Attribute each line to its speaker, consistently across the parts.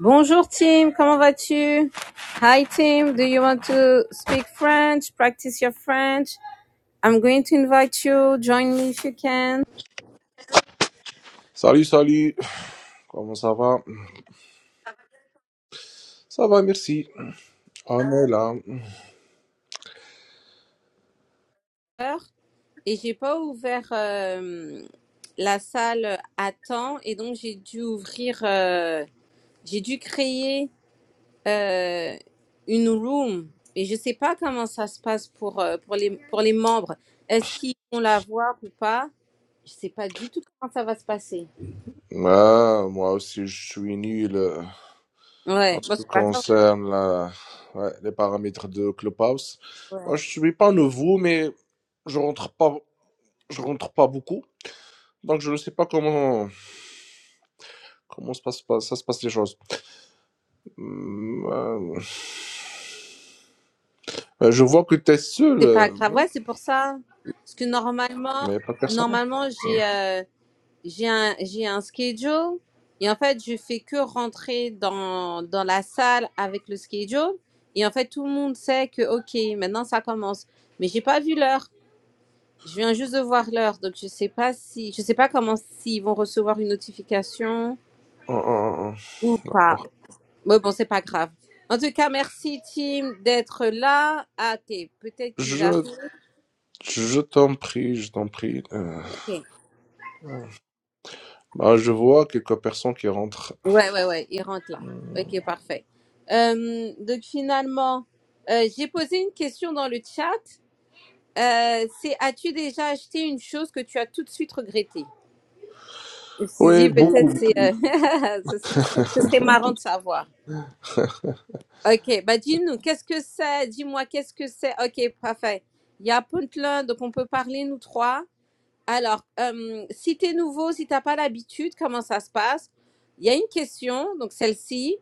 Speaker 1: Bonjour Tim, comment vas-tu? Hi Tim, do you want to speak French? Practice your French. I'm going to invite you. Join me if you can.
Speaker 2: Salut, salut. Comment ça va? Ça va, merci. Ah, mais là,
Speaker 1: Et j'ai pas ouvert euh, la salle à temps et donc j'ai dû ouvrir, euh, j'ai dû créer euh, une room. Et je sais pas comment ça se passe pour euh, pour les pour les membres. Est-ce qu'ils vont la voir ou pas? Je sais pas du tout comment ça va se passer.
Speaker 2: ah, moi aussi, je suis nul euh, en
Speaker 1: Ouais,
Speaker 2: ce
Speaker 1: bon,
Speaker 2: qui
Speaker 1: c'est pas grave.
Speaker 2: concerne la- ouais, les paramètres de Clubhouse. Moi,
Speaker 1: Ouais.
Speaker 2: je suis pas nouveau, mais je rentre pas, je rentre pas beaucoup. Donc, je ne sais pas comment, comment se passe, pas- ça se passe les choses. Hum, euh, euh, je vois que tu es seul,
Speaker 1: C'est pas
Speaker 2: euh,
Speaker 1: grave.
Speaker 2: hein,
Speaker 1: Ouais, c'est pour ça. Parce que normalement,
Speaker 2: mais pas de personne.
Speaker 1: normalement,
Speaker 2: Hum,
Speaker 1: j'ai euh, j'ai un, j'ai un schedule. Et en fait, je fais que rentrer dans, dans la salle avec le schedule. Et en fait, tout le monde sait que, OK, maintenant, ça commence. Mais j'ai pas vu l'heure. Je viens juste de voir l'heure. Donc, je sais pas si, je sais pas comment, s'ils vont recevoir une notification
Speaker 2: hum, hum, hum,
Speaker 1: ou pas.
Speaker 2: D'accord.
Speaker 1: Mais bon, c'est pas grave. En tout cas, merci, Tim, d'être là. Ah, t'es, peut-être qu'ils
Speaker 2: Je
Speaker 1: arrivent.
Speaker 2: Je t'en prie, je t'en prie. Euh,
Speaker 1: OK.
Speaker 2: bah, je vois quelques personnes qui rentrent.
Speaker 1: Ouais, ouais, ouais, il rentre là. Ok, parfait. Euh, donc finalement, euh, j'ai posé une question dans le chat. Euh, c'est as-tu déjà acheté une chose que tu as tout de suite regrettée? Je me suis
Speaker 2: Oui,
Speaker 1: dit peut-être
Speaker 2: beaucoup.
Speaker 1: c'est euh, ce ce- ce serait marrant de savoir. Ok, bah dis-nous, qu'est-ce que c'est? Dis-moi, qu'est-ce que c'est? Ok, parfait. Il y a Puntland, donc on peut parler nous trois. Alors, euh, si t'es nouveau, si t'as pas l'habitude, comment ça se passe? Il y a une question, donc celle-ci.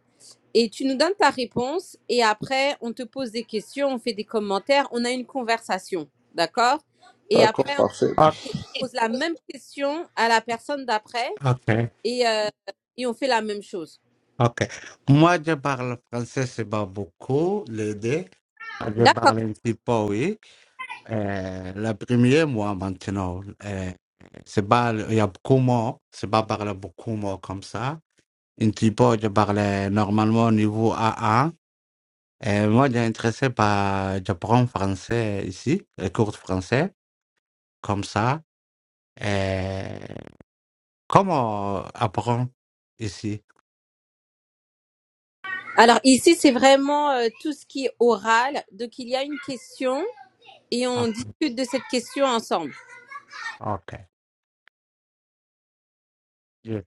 Speaker 1: et tu nous donnes ta réponse et après on te pose des questions, on fait des commentaires, on a une conversation, d'accord Et
Speaker 2: D'accord,
Speaker 1: après
Speaker 2: parfait.
Speaker 3: Ah,
Speaker 1: on pose la même question à la personne d'après
Speaker 3: Ok,
Speaker 1: et, euh, et on fait la même chose.
Speaker 3: ok. Moi, je parle français, c'est pas beaucoup, les deux. Je
Speaker 1: D'accord.
Speaker 3: parle un petit peu, oui. Euh, la première, moi, maintenant, euh, c'est pas, il y a beaucoup moins, c'est pas parler beaucoup moins comme ça. Un petit peu, je parlais normalement au niveau A1. Euh, moi, j'ai intéressé par, j'apprends français ici, les cours de français, comme ça. Euh, comment apprendre ici?
Speaker 1: Alors ici c'est vraiment euh, tout ce qui est oral, donc il y a une question et on
Speaker 3: Ok.
Speaker 1: discute de cette question ensemble.
Speaker 3: Ok. Je-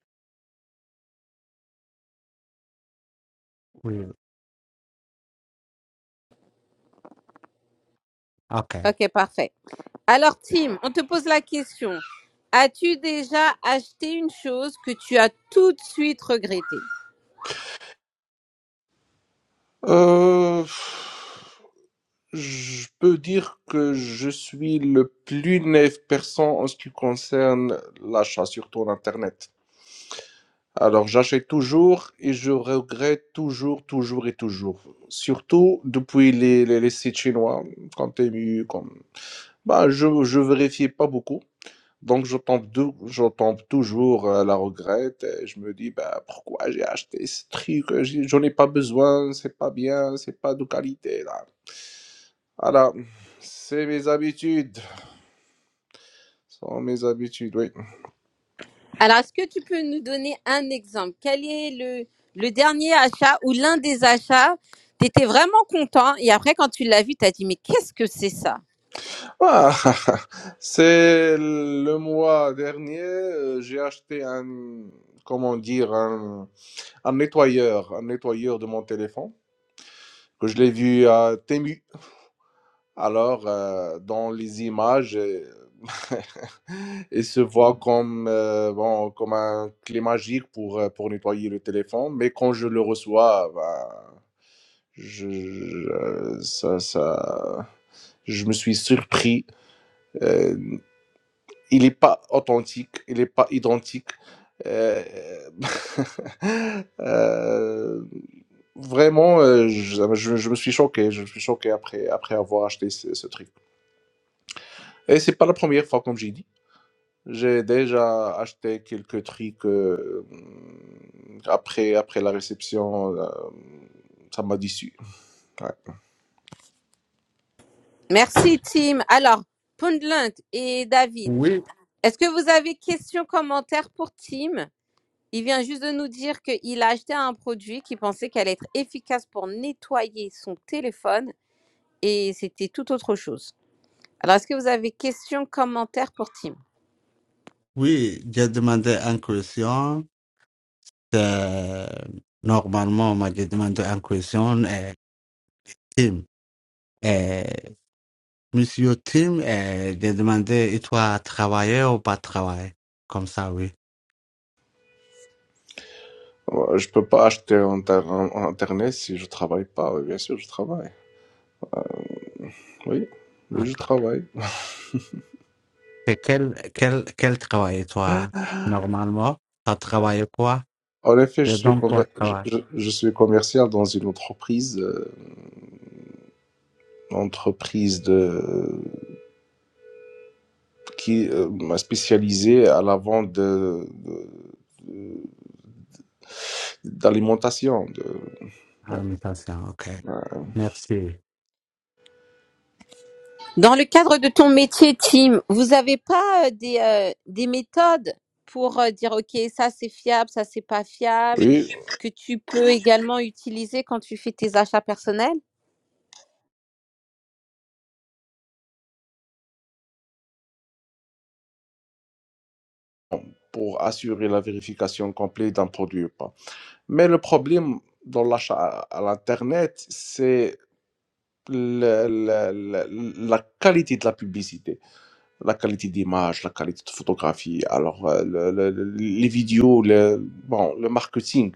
Speaker 3: Oui. OK.
Speaker 1: Ok, parfait. Alors Tim, on te pose la question. As-tu déjà acheté une chose que tu as tout de suite regrettée
Speaker 2: Euh, je peux dire que je suis le plus naïf personne en ce qui concerne l'achat, surtout en Internet. Alors, j'achète toujours et je regrette toujours, toujours et toujours. Surtout depuis les, les, les sites chinois, comme Temu, comme... Bah, je ne vérifie pas beaucoup. Donc, je tombe, dou- je tombe toujours à la regrette. Et je me dis, bah, pourquoi j'ai acheté ce truc? euh, j'ai- J'en ai pas besoin. C'est pas bien. C'est pas de qualité, là. Voilà. C'est mes habitudes. Ce sont mes habitudes, oui.
Speaker 1: Alors, est-ce que tu peux nous donner un exemple Quel est le, le dernier achat ou l'un des achats Tu étais vraiment content et après, quand tu l'as vu, tu as dit, mais qu'est-ce que c'est ça
Speaker 2: Ah, c'est le mois dernier, euh, j'ai acheté un, comment dire, un, un nettoyeur, un nettoyeur de mon téléphone que je l'ai vu à Temu. Alors, euh, dans les images, euh, il se voit comme, euh, bon, comme un clé magique pour, euh, pour nettoyer le téléphone, mais quand je le reçois, bah, je, je- ça, ça, je me suis surpris. Euh, il n'est pas authentique, il n'est pas identique. Euh, euh, vraiment, euh, je, je- je me suis choqué, je me suis choqué après, après avoir acheté ce ce truc. Et c'est pas la première fois, comme j'ai dit. J'ai déjà acheté quelques trucs euh, après, après la réception. euh, ça m'a déçu. Ouais.
Speaker 1: Merci, Tim. Alors, Pundland et David,
Speaker 3: Oui,
Speaker 1: est-ce que vous avez questions, commentaires pour Tim Il vient juste de nous dire qu'il a acheté un produit qu'il pensait qu'elle allait être efficace pour nettoyer son téléphone et c'était tout autre chose. Alors, est-ce que vous avez questions, commentaires pour Tim
Speaker 3: oui, j'ai demandé une question. Euh, Normalement, on m'a demandé une question, euh, Tim. Euh, Monsieur Tim, euh, j'ai demandé, et toi, travailler ou pas travailler? Comme ça, oui.
Speaker 2: Ouais, Je peux pas acheter en, ter- en- en Internet si je travaille pas. Oui, Bien sûr, je travaille. Oui, mais je
Speaker 3: OK.
Speaker 2: travaille.
Speaker 3: Et quel, quel, quel travail, toi, normalement? Tu travailles quoi?
Speaker 2: En effet,
Speaker 3: Et
Speaker 2: je suis,
Speaker 3: donc, quoi,
Speaker 2: commer- je,
Speaker 3: travail?
Speaker 2: je- je suis commercial dans une entreprise, euh, entreprise de, qui euh, m'a spécialisé à la vente de, de- d'alimentation. De... ouais,
Speaker 3: Alimentation, OK.
Speaker 2: ouais.
Speaker 3: Merci.
Speaker 1: Dans le cadre de ton métier, Tim, vous n'avez pas euh, des, euh, des méthodes pour euh, dire, OK, ça c'est fiable, ça c'est pas fiable,
Speaker 2: Oui,
Speaker 1: que tu peux également utiliser quand tu fais tes achats personnels
Speaker 2: pour assurer la vérification complète d'un produit ou pas. Mais le problème dans l'achat à, à l'Internet, c'est le- le- le- la qualité de la publicité, la qualité d'image, la qualité de photographie, alors euh, le- le- le- les vidéos, le, bon, le marketing.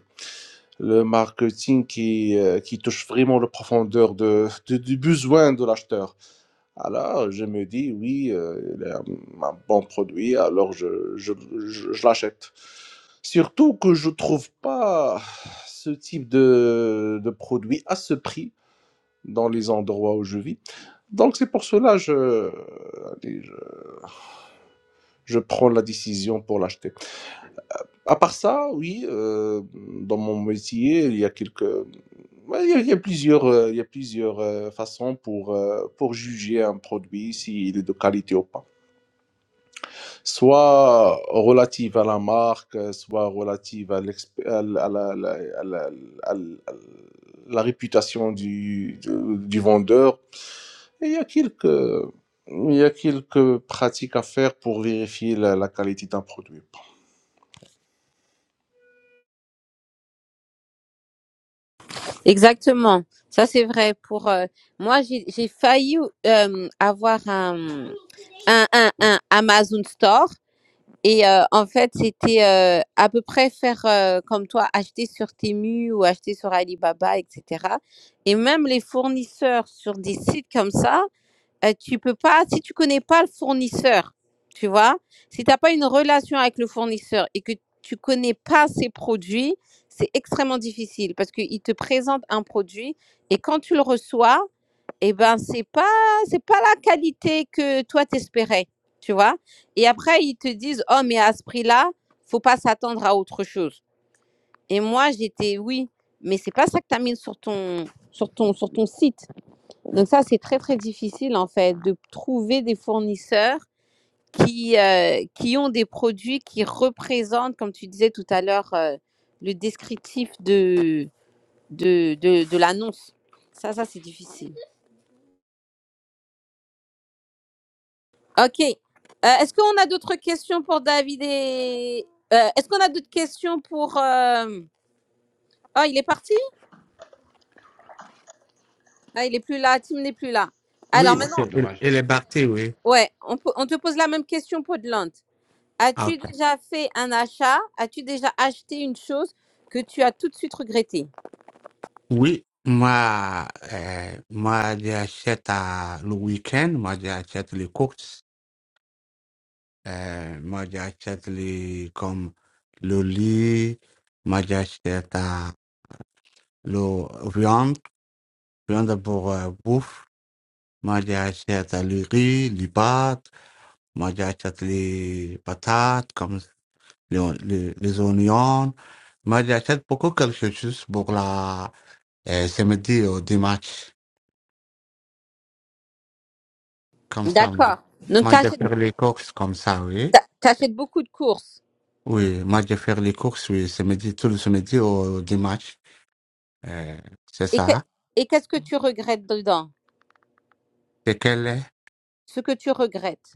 Speaker 2: Le marketing qui, euh, qui touche vraiment la profondeur de, de- du besoin de l'acheteur. Alors, je me dis, oui, euh, il est un, un bon produit, alors je, je, je, je l'achète. Surtout que je trouve pas ce type de, de produit à ce prix dans les endroits où je vis. Donc, c'est pour cela je, allez, je, je prends la décision pour l'acheter. À part ça, oui, euh, dans mon métier, il y a quelques, ouais, il y a, il y a plusieurs, euh, il y a plusieurs euh, façons pour, euh, pour juger un produit, s'il est de qualité ou pas. soit relative à la marque, euh, soit relative à, l'exp- à la, à la- à la- à la- à la à la réputation du, du, du vendeur. Et il y a quelques, il y a quelques pratiques à faire pour vérifier la, la qualité d'un produit.
Speaker 1: Exactement, ça c'est vrai. Pour euh, Moi, j'ai j'ai failli euh, avoir un... Un, un, un Amazon Store et heu, en fait, c'était, heu, à peu près faire, heu, comme toi, acheter sur Temu ou acheter sur Alibaba et cetera et même les fournisseurs sur des sites comme ça, Heu, tu peux pas si tu connais pas le fournisseur, tu vois? Si tu as pas une relation avec le fournisseur et que tu connais pas ses produits, c'est extrêmement difficile parce qu'il te présente un produit et quand tu le reçois et ben, c'est pas c'est pas la qualité que toi t'espérais tu vois? Et après ils te disent: «Oh mais à ce prix-là, faut pas s'attendre à autre chose» et moi j'étais: «Oui, mais c'est pas ça que tu as mis sur ton sur ton sur ton site». Donc ça, c'est très très difficile en fait de trouver des fournisseurs qui, euh, qui ont des produits qui représentent, comme tu disais tout à l'heure, euh, le descriptif de, de, de, de l'annonce. Ça, ça, c'est difficile. OK. Euh, Est-ce qu'on a d'autres questions pour David et... euh, Est-ce qu'on a d'autres questions pour... euh, Oh, il est parti Ah, il est plus là. Tim n'est plus là. Alors
Speaker 3: Oui,
Speaker 4: Oh,
Speaker 1: maintenant,
Speaker 3: il,
Speaker 4: dommage.
Speaker 3: il est parti, oui.
Speaker 1: ouais, on, peut- on te pose la même question, Podland.
Speaker 3: Ah,
Speaker 1: As-tu déjà fait un achat? As-tu déjà acheté une chose que tu as tout de suite regrettée?
Speaker 3: Oui, moi, euh, moi, j'achète à- le week-end, moi, j'achète les courses, euh, moi, j'achète les, comme, le lit, moi, j'achète à le viande, viande pour euh, bouffe, moi, j'achète euh, le riz, les pâtes, moi, j'achète les patates, comme les, les, les oignons, moi, j'achète beaucoup quelque chose pour la, euh, samedi au dimanche. Comme ça, moi.
Speaker 1: D'accord. Donc,
Speaker 3: Moi,
Speaker 1: tu
Speaker 3: je vais
Speaker 1: achètes,
Speaker 3: faire les courses comme ça, oui.
Speaker 1: beaucoup de courses.
Speaker 3: Oui, moi, je vais faire les courses, oui, samedi, tout le samedi au dimanche. Euh, c'est
Speaker 1: Et que-
Speaker 3: ça.
Speaker 1: et qu'est-ce que tu regrettes dedans?
Speaker 3: C'est quel
Speaker 1: Ce que tu regrettes.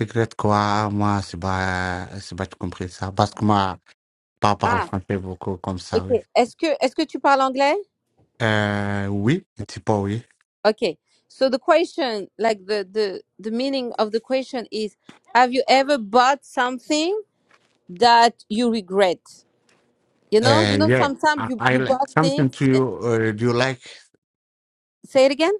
Speaker 3: secret quoi? Moi, c'est pas, c'est pas compris ça. Parce que moi, pas parle
Speaker 1: Ah,
Speaker 3: français beaucoup comme ça,
Speaker 1: ok.
Speaker 3: oui.
Speaker 1: Est-ce que, est-ce que tu parles anglais?
Speaker 3: Euh, oui, un petit peu, oui.
Speaker 1: Okay. So the question, like the, the, the meaning of the question is, have you ever bought something that you regret? You know, you
Speaker 3: Euh,
Speaker 1: know,
Speaker 3: yeah.
Speaker 1: sometimes
Speaker 3: I,
Speaker 1: you,
Speaker 3: I
Speaker 1: you
Speaker 3: like
Speaker 1: bought things.
Speaker 3: something to you. Uh, do you like
Speaker 1: Say it again.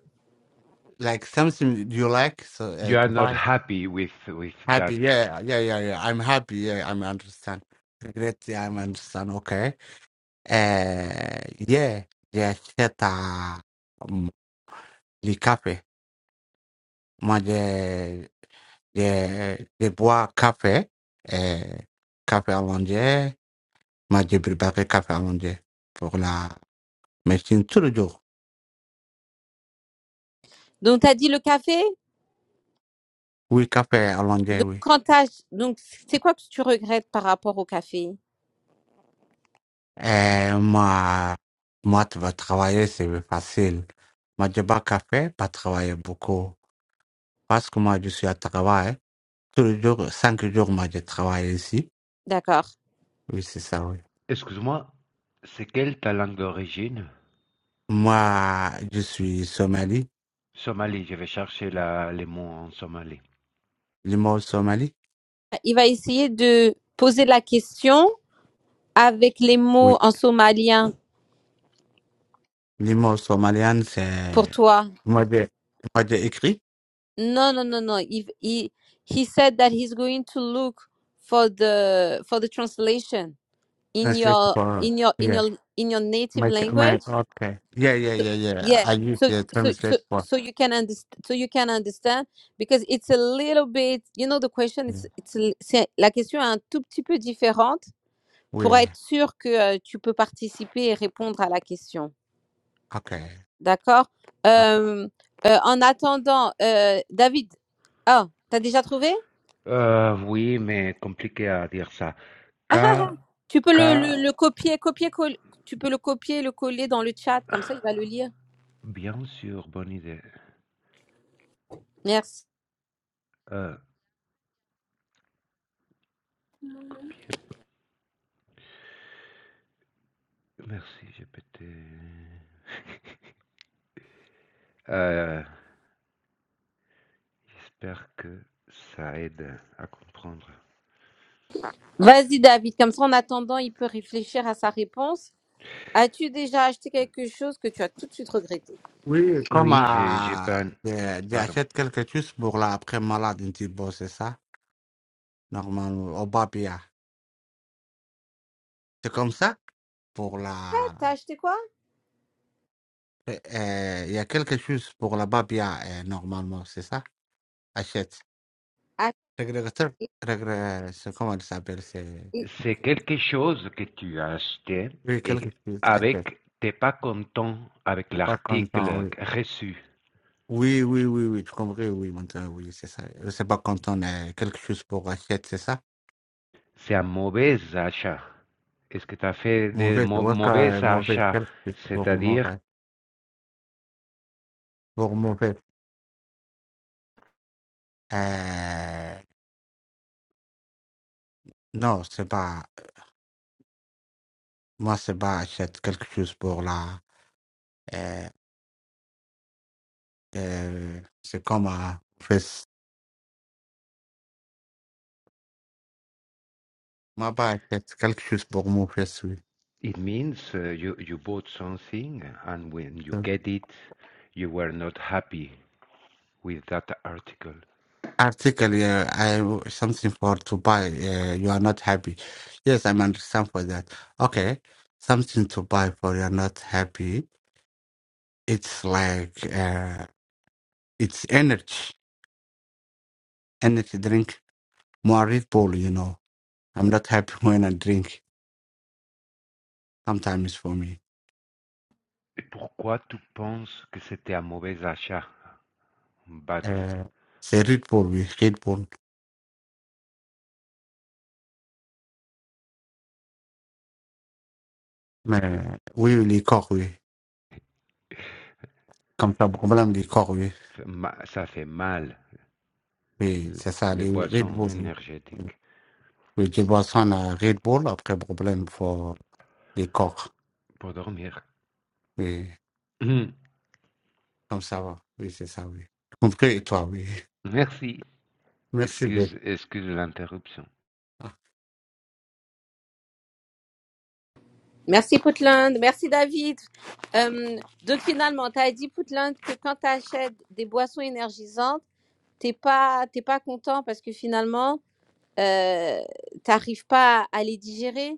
Speaker 3: like something do you like so, uh,
Speaker 4: You are
Speaker 3: to
Speaker 4: not
Speaker 3: buy?
Speaker 4: happy with, with that.
Speaker 3: Happy, yeah, yeah, yeah, yeah. I'm happy, yeah, I'm understand. Great, yeah, I'm understand. okay Uh, yeah, yeah, seta um, les cafés. Moi, je, je, je bois café, euh, café allongé. Moi, je prépare café allongé pour la médecine tous les jours.
Speaker 1: Donc, t'as dit le café.
Speaker 3: Oui, café allongé,
Speaker 1: Donc,
Speaker 3: oui.
Speaker 1: quand t'as, donc, c'est quoi que tu regrettes par rapport au café?
Speaker 3: Et moi, moi, tu vas travailler, c'est facile. Moi, je bois café, pas travailler beaucoup. Parce que moi, je suis à travail. Tous les jours, cinq jours, moi, je travaille ici.
Speaker 1: D'accord.
Speaker 3: Oui, c'est ça, oui.
Speaker 4: Excuse-moi, c'est quelle ta langue d'origine?
Speaker 3: Moi, je suis somali.
Speaker 4: Somalie, je vais chercher la, les mots en somalie.
Speaker 3: L'humour somali.
Speaker 1: Il va essayer de poser la question avec les mots
Speaker 3: Oui.
Speaker 1: en somalien
Speaker 3: L'humour somalienne,
Speaker 1: pour
Speaker 3: c'est...
Speaker 1: toi.
Speaker 3: Moi, j'ai moi, j'ai écrit.
Speaker 1: Non, non, non, non. Il, il, he said that he's going to look for the, for the translation in
Speaker 3: Translate
Speaker 1: your,
Speaker 3: for...
Speaker 1: in your, in
Speaker 3: Yeah.
Speaker 1: your, in your native
Speaker 3: My,
Speaker 1: language.
Speaker 3: my, okay. Yeah, yeah,
Speaker 1: so,
Speaker 3: yeah, yeah.
Speaker 1: yeah
Speaker 3: I use
Speaker 1: so
Speaker 3: the
Speaker 1: so so
Speaker 3: translate for...
Speaker 1: so you can understand so you can understand because it's a little bit you know the question it's it's l- c'est la question est un tout petit peu différente pour
Speaker 3: Oui.
Speaker 1: être sûr que euh, tu peux participer et répondre à la question
Speaker 3: Okay.
Speaker 1: d'accord
Speaker 3: okay
Speaker 1: Euh, euh, en attendant euh, David ah t'as déjà trouvé
Speaker 4: Euh, oui, mais compliqué à dire ça.
Speaker 1: Ah, ah, ah.
Speaker 4: Ka,
Speaker 1: tu peux le, le,
Speaker 4: ka,
Speaker 1: le copier copier coll- tu peux le copier le coller dans le chat comme ça il va le lire
Speaker 4: bien sûr, bonne idée.
Speaker 1: merci
Speaker 4: Euh, copier. Merci, j'ai pété. Euh, j'espère que ça aide à comprendre.
Speaker 1: vas-y David comme ça en attendant il peut réfléchir à sa réponse As-tu déjà acheté quelque chose que tu as tout de suite regretté
Speaker 3: Oui, comme
Speaker 4: Oui, j'ai j'ai pas.
Speaker 3: euh,
Speaker 4: Pardon.
Speaker 3: j'achète quelque chose pour la après malade, un petit peu, c'est ça? Normalement, au babia. C'est comme ça? Pour la...
Speaker 1: T'as acheté quoi
Speaker 3: euh, euh, Il y a quelque chose pour la babia, euh, normalement, c'est ça? Achète.
Speaker 1: Ah,
Speaker 3: Régulateur,
Speaker 1: et-
Speaker 3: régulateur, c'est comment ça s'appelle, c'est...
Speaker 1: et-
Speaker 4: C'est quelque chose que tu as acheté
Speaker 3: Oui, quelque
Speaker 4: et
Speaker 3: chose, achète.
Speaker 4: avec t'es pas content avec
Speaker 3: Pas content,
Speaker 4: l'article
Speaker 3: oui.
Speaker 4: reçu.
Speaker 3: Oui, oui, oui, oui, tu comprends, oui, maintenant, oui, c'est ça. Euh, C'est pas content, euh, quelque chose pour achète, c'est ça?
Speaker 4: C'est un mauvais achat. Est-ce que tu as fait des
Speaker 3: Mauvais,
Speaker 4: mau-
Speaker 3: ouais,
Speaker 4: mauvais
Speaker 3: que- mauvais,
Speaker 4: achats?
Speaker 3: quelque chose pour
Speaker 4: C'est-à-dire,
Speaker 3: mauvais. Pour mauvais. Euh, non, c'est pas... Moi, c'est pas achète quelque chose pour la... Euh, euh, c'est comme un fesse. Moi, pas achète quelque chose pour mon fesse, oui.
Speaker 4: it means uh, you, you bought something and when you get it, you were not happy with that article.
Speaker 3: article yeah, I w- something for to buy. Uh, you are not happy. Yes, i understand for that. Okay, something to buy for you are not happy. It's like uh, it's energy, energy drink. More Red Bull, you know. I'm not happy when I drink. Sometimes for me,
Speaker 4: Et pourquoi tu penses que c'était un mauvais achat? But,
Speaker 3: uh, say Red Bull, we Red Bull. ما- We will cook we. Comme ça, beaucoup de gens les coquent, oui.
Speaker 4: ça fait mal,
Speaker 3: Oui,
Speaker 4: le-
Speaker 3: c'est ça,
Speaker 4: les
Speaker 3: les Red
Speaker 4: boissons
Speaker 3: Bull.
Speaker 4: énergétiques.
Speaker 3: Oui, tu bois ça, on a Red Bull, après problème, les coques.
Speaker 4: Pour dormir.
Speaker 3: Oui, comme ça va. Oui, c'est ça, oui. Compris, et toi, oui.
Speaker 4: Merci.
Speaker 3: Merci bien.
Speaker 4: Excuse, excuse l'interruption.
Speaker 1: Merci Poutland, merci David. Euh, donc finalement, t'as dit Poutland que quand t'achètes des boissons énergisantes, t'es pas t'es pas content parce que finalement euh, t'arrives pas à les digérer.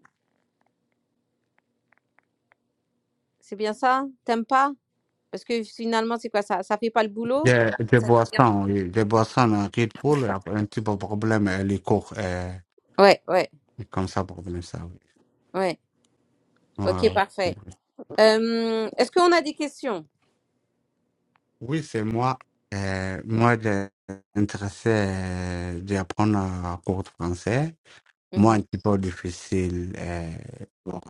Speaker 1: C'est bien ça T'aimes pas Parce que finalement, c'est quoi ça Ça fait pas le boulot
Speaker 3: J'ai des
Speaker 1: Ça te garde-
Speaker 3: boissons, oui. Des boissons en Red Bull, un petit peu de problème, euh, les coques. euh,
Speaker 1: Ouais, ouais,
Speaker 3: comme ça, problème, ça, oui.
Speaker 1: ouais.
Speaker 3: Ouais,
Speaker 1: Ok,
Speaker 3: ouais.
Speaker 1: parfait. Euh, Est-ce qu'on a des questions
Speaker 3: Oui, c'est moi. Euh, moi, j'ai intéressé euh, d'apprendre à cours de français. Moi, un petit peu difficile euh, bon,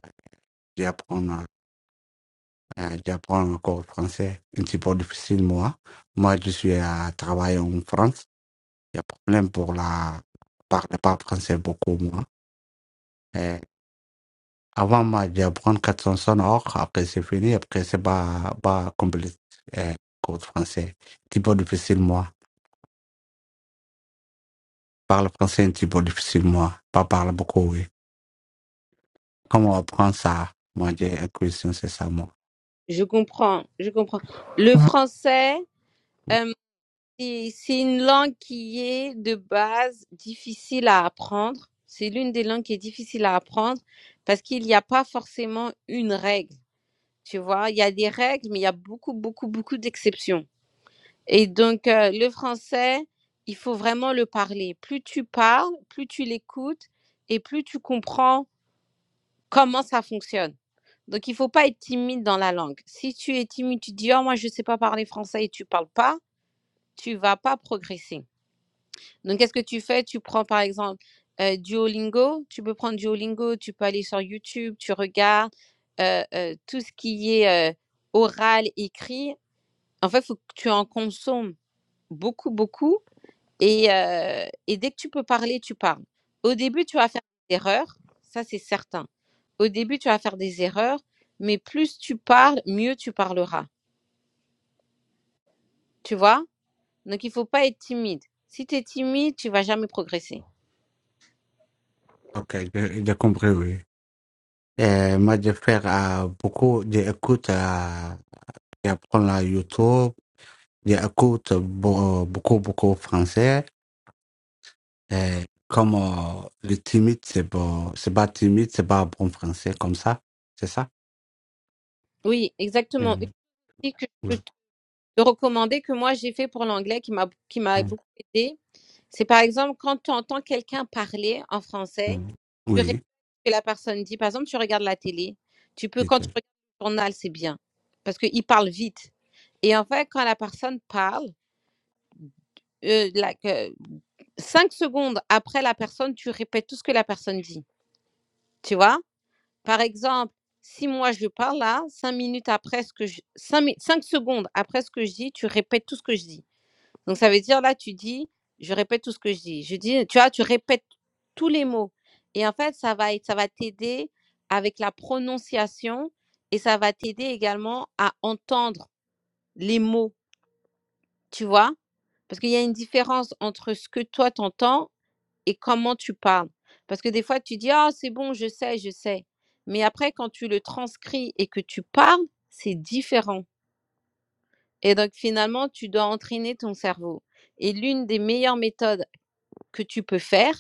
Speaker 3: d'apprendre euh, d'apprendre un cours de français. Un petit peu difficile, moi. Moi, je suis à travailler en France. Il y a problème pour la parler pas français beaucoup moins Et avant moi j'apprends 400 sonores, après c'est fini, après c'est pas pas complet euh, cours de français. Petit peu difficile moi. Parle français un petit peu difficile moi. Pas parle beaucoup oui. Comment apprendre ça? Moi j'ai une question c'est ça moi.
Speaker 1: Je comprends, je comprends. Le Mhm. français,
Speaker 3: Oui.
Speaker 1: euh, c'est c'est une langue qui est de base difficile à apprendre. C'est l'une des langues qui est difficile à apprendre parce qu'il n'y a pas forcément une règle. Tu vois, il y a des règles, mais il y a beaucoup, beaucoup, beaucoup d'exceptions. Et donc, euh, le français, il faut vraiment le parler. Plus tu parles, plus tu l'écoutes et plus tu comprends comment ça fonctionne. Donc, il ne faut pas être timide dans la langue. Si tu es timide, tu dis, oh, moi, je ne sais pas parler français et tu ne parles pas, tu ne vas pas progresser. Donc, qu'est-ce que tu fais? Tu prends, par exemple, euh, Duolingo. Tu peux prendre Duolingo, tu peux aller sur YouTube, tu regardes euh, euh, tout ce qui est euh, oral, écrit. En fait, il faut que tu en consommes beaucoup, beaucoup et, heu et dès que tu peux parler, tu parles. Au début, tu vas faire des erreurs, ça c'est certain. Au début, tu vas faire des erreurs, mais plus tu parles, mieux tu parleras. Tu vois? Donc il faut pas être timide. Si tu es timide, tu vas jamais progresser.
Speaker 3: Ok, j'ai j'ai compris oui. Et moi je fais euh, beaucoup j'écoute euh, j'apprends la YouTube, j'écoute beau- beaucoup beaucoup français. Euh, comme euh, le timide, c'est bon, c'est pas timide, c'est pas bon français comme ça, c'est ça?
Speaker 1: Oui, exactement. Une
Speaker 3: Mm,
Speaker 1: outil que je peux
Speaker 3: Oui.
Speaker 1: te recommander, que moi j'ai fait pour l'anglais, qui m'a qui m'a
Speaker 3: Mm,
Speaker 1: beaucoup aidé, c'est par exemple quand tu entends quelqu'un parler en français
Speaker 3: mm.
Speaker 1: Tu regardes
Speaker 3: Oui,
Speaker 1: ce que la personne dit. Par exemple, tu regardes la télé. Tu peux, quand tu regardes le journal, c'est bien. Parce qu'il parle vite. Et en fait, quand la personne parle, euh, la- que- cinq secondes après la personne, tu répètes tout ce que la personne dit. Tu vois? Par exemple, si moi je parle là, cinq minutes après ce que je, cinq, mi- cinq secondes après ce que je dis, tu répètes tout ce que je dis. Donc ça veut dire là, tu dis, je répète tout ce que je dis. Je dis, tu vois, tu répètes tous les mots. Et en fait, ça va être, ça va t'aider avec la prononciation et ça va t'aider également à entendre les mots, tu vois? Parce qu'il y a une différence entre ce que toi t'entends et comment tu parles. Parce que des fois, tu dis, ah, c'est bon, je sais, je sais. Mais après, quand tu le transcris et que tu parles, c'est différent. Et donc, finalement, tu dois entraîner ton cerveau. Et l'une des meilleures méthodes que tu peux faire,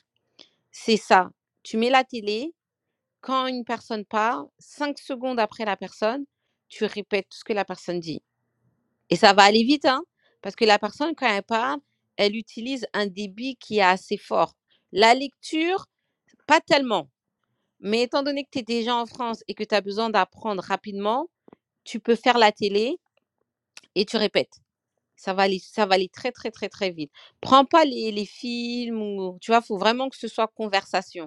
Speaker 1: c'est ça. Tu mets la télé, quand une personne parle, cinq secondes après la personne, tu répètes tout ce que la personne dit. Et ça va aller vite, hein, parce que la personne, quand elle parle, elle utilise un débit qui est assez fort. La lecture, pas tellement. Mais étant donné que tu es déjà en France et que tu as besoin d'apprendre rapidement, tu peux faire la télé et tu répètes. Ça va aller, ça va aller très, très, très, très vite. Prends pas les, les films ou, tu vois, faut vraiment que ce soit conversation.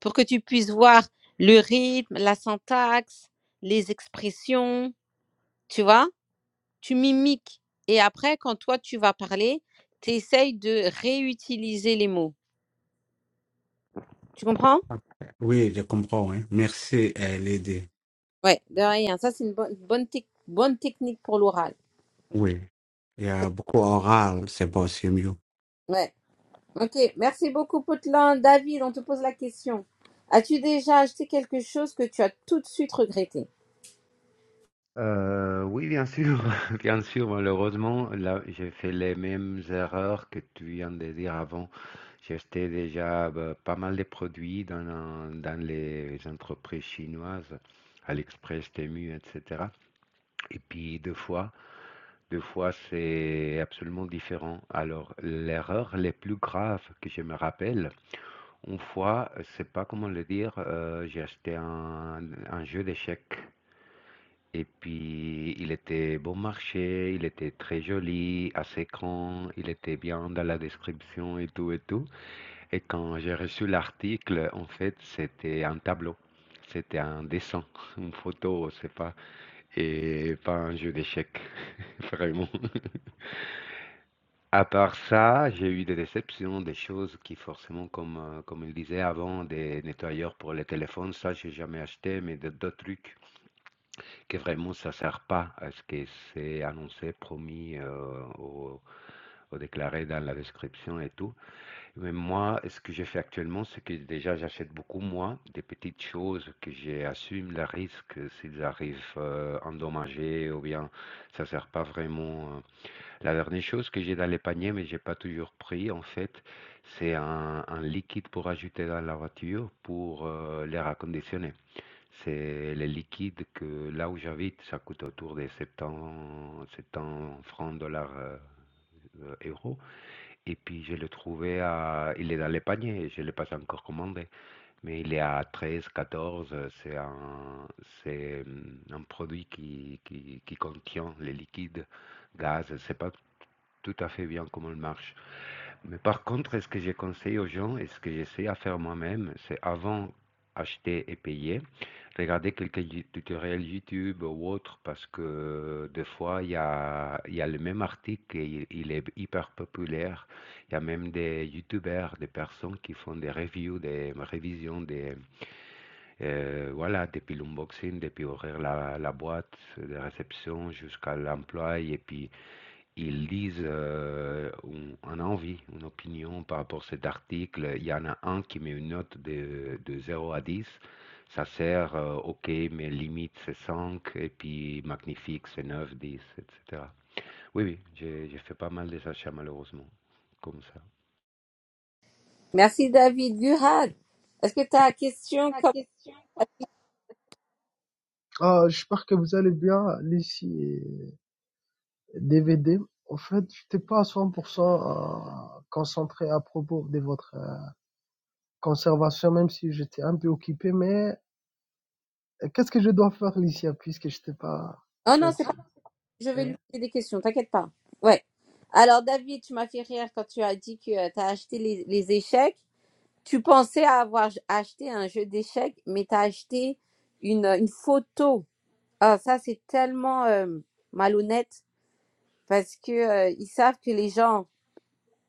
Speaker 1: pour que tu puisses voir le rythme, la syntaxe, les expressions, tu vois, tu mimiques. Et après, quand toi, tu vas parler, tu essayes de réutiliser les mots. Tu comprends
Speaker 3: Ok. oui, je comprends. hein. Merci, euh, Lady.
Speaker 1: Ouais, de rien. Ça, c'est une bonne, bonne, tec- bonne technique pour l'oral.
Speaker 3: Oui. Il y a beaucoup oral, c'est bon, c'est mieux.
Speaker 1: Ouais. Ok, merci beaucoup, Potelin. David, on te pose la question. As-tu déjà acheté quelque chose que tu as tout de suite regretté
Speaker 4: Euh, oui, bien sûr. Bien sûr, malheureusement, là, j'ai fait les mêmes erreurs que tu viens de dire avant. J'ai acheté déjà bah, pas mal de produits dans, dans les entreprises chinoises, AliExpress, Temu, etc. Et puis deux fois, deux fois, c'est absolument différent. Alors, l'erreur la plus grave que je me rappelle, Une fois, je sais pas comment le dire, euh, j'ai acheté un, un jeu d'échecs et puis il était bon marché, il était très joli, assez grand, il était bien dans la description et tout et tout. Et quand j'ai reçu l'article, en fait, c'était un tableau, c'était un dessin, une photo, je sais pas, et pas un jeu d'échecs, vraiment. À part ça, j'ai eu des déceptions, des choses qui forcément, comme, euh, comme il disait avant, des nettoyeurs pour les téléphones, ça j'ai jamais acheté, mais de- d'autres trucs que vraiment ça sert pas à ce que c'est annoncé, promis, euh, au, au déclaré dans la description et tout. Mais moi, ce que je fais actuellement, c'est que déjà j'achète beaucoup moins des petites choses que j'assume le risque s'ils arrivent euh, endommagés ou bien ça sert pas vraiment. euh, la dernière chose que j'ai dans les paniers, mais j'ai pas toujours pris en fait, c'est un, un liquide pour ajouter dans la voiture pour euh, l'air conditionné. C'est le liquide que là où j'habite, ça coûte autour des 70, 70 francs, dollars, euh, euh, euros. Et puis je l'ai trouvé à, il est dans les paniers, je ne l'ai pas encore commandé, mais il est à 13, 14. euh, C'est un, c'est hum, un produit qui, qui, qui contient les liquides, gaz, c'est pas tout à fait bien comment elle marche. Mais par contre, ce que je conseille aux gens et ce que j'essaie à faire moi-même, c'est avant acheter et payer, regarder quelques tu- tutoriels YouTube ou autres parce que des fois, il y a, il y a le même article et il, est hyper populaire. Il y a même des YouTubers, des personnes qui font des reviews, des révisions, des, euh, voilà, depuis l'unboxing, depuis ouvrir la, la boîte de réception jusqu'à l'emploi et puis ils disent, heu, on un avis, une opinion par rapport à cet article. Il y en a un qui met une note de de zéro à 10 Ça sert, heu, OK, mais limite c'est 5 et puis magnifique c'est neuf dix et cetera. Oui, oui, j'ai j'ai fait pas mal des achats malheureusement, comme ça.
Speaker 1: Merci, David. Gurad, est-ce que tu as question comme...
Speaker 5: Ah, j'espère que vous allez bien, Lucie et DVD. En fait, j'étais pas à 100% euh, concentré à propos de votre euh, conservation, même si j'étais un peu occupé, mais euh, qu'est-ce que je dois faire, Lucie, puisque j'étais pas, en
Speaker 1: Oh non,
Speaker 5: fait,
Speaker 1: c'est pas Je vais
Speaker 5: euh,
Speaker 1: lui poser des questions, t'inquiète pas. Ouais. Alors, David, tu m'as fait rire quand tu as dit que tu as acheté les, les échecs. Tu pensais avoir j- acheté un jeu d'échecs, mais tu as acheté une, euh, une photo. Ah, ça, c'est tellement euh, malhonnête parce que euh, ils savent que les gens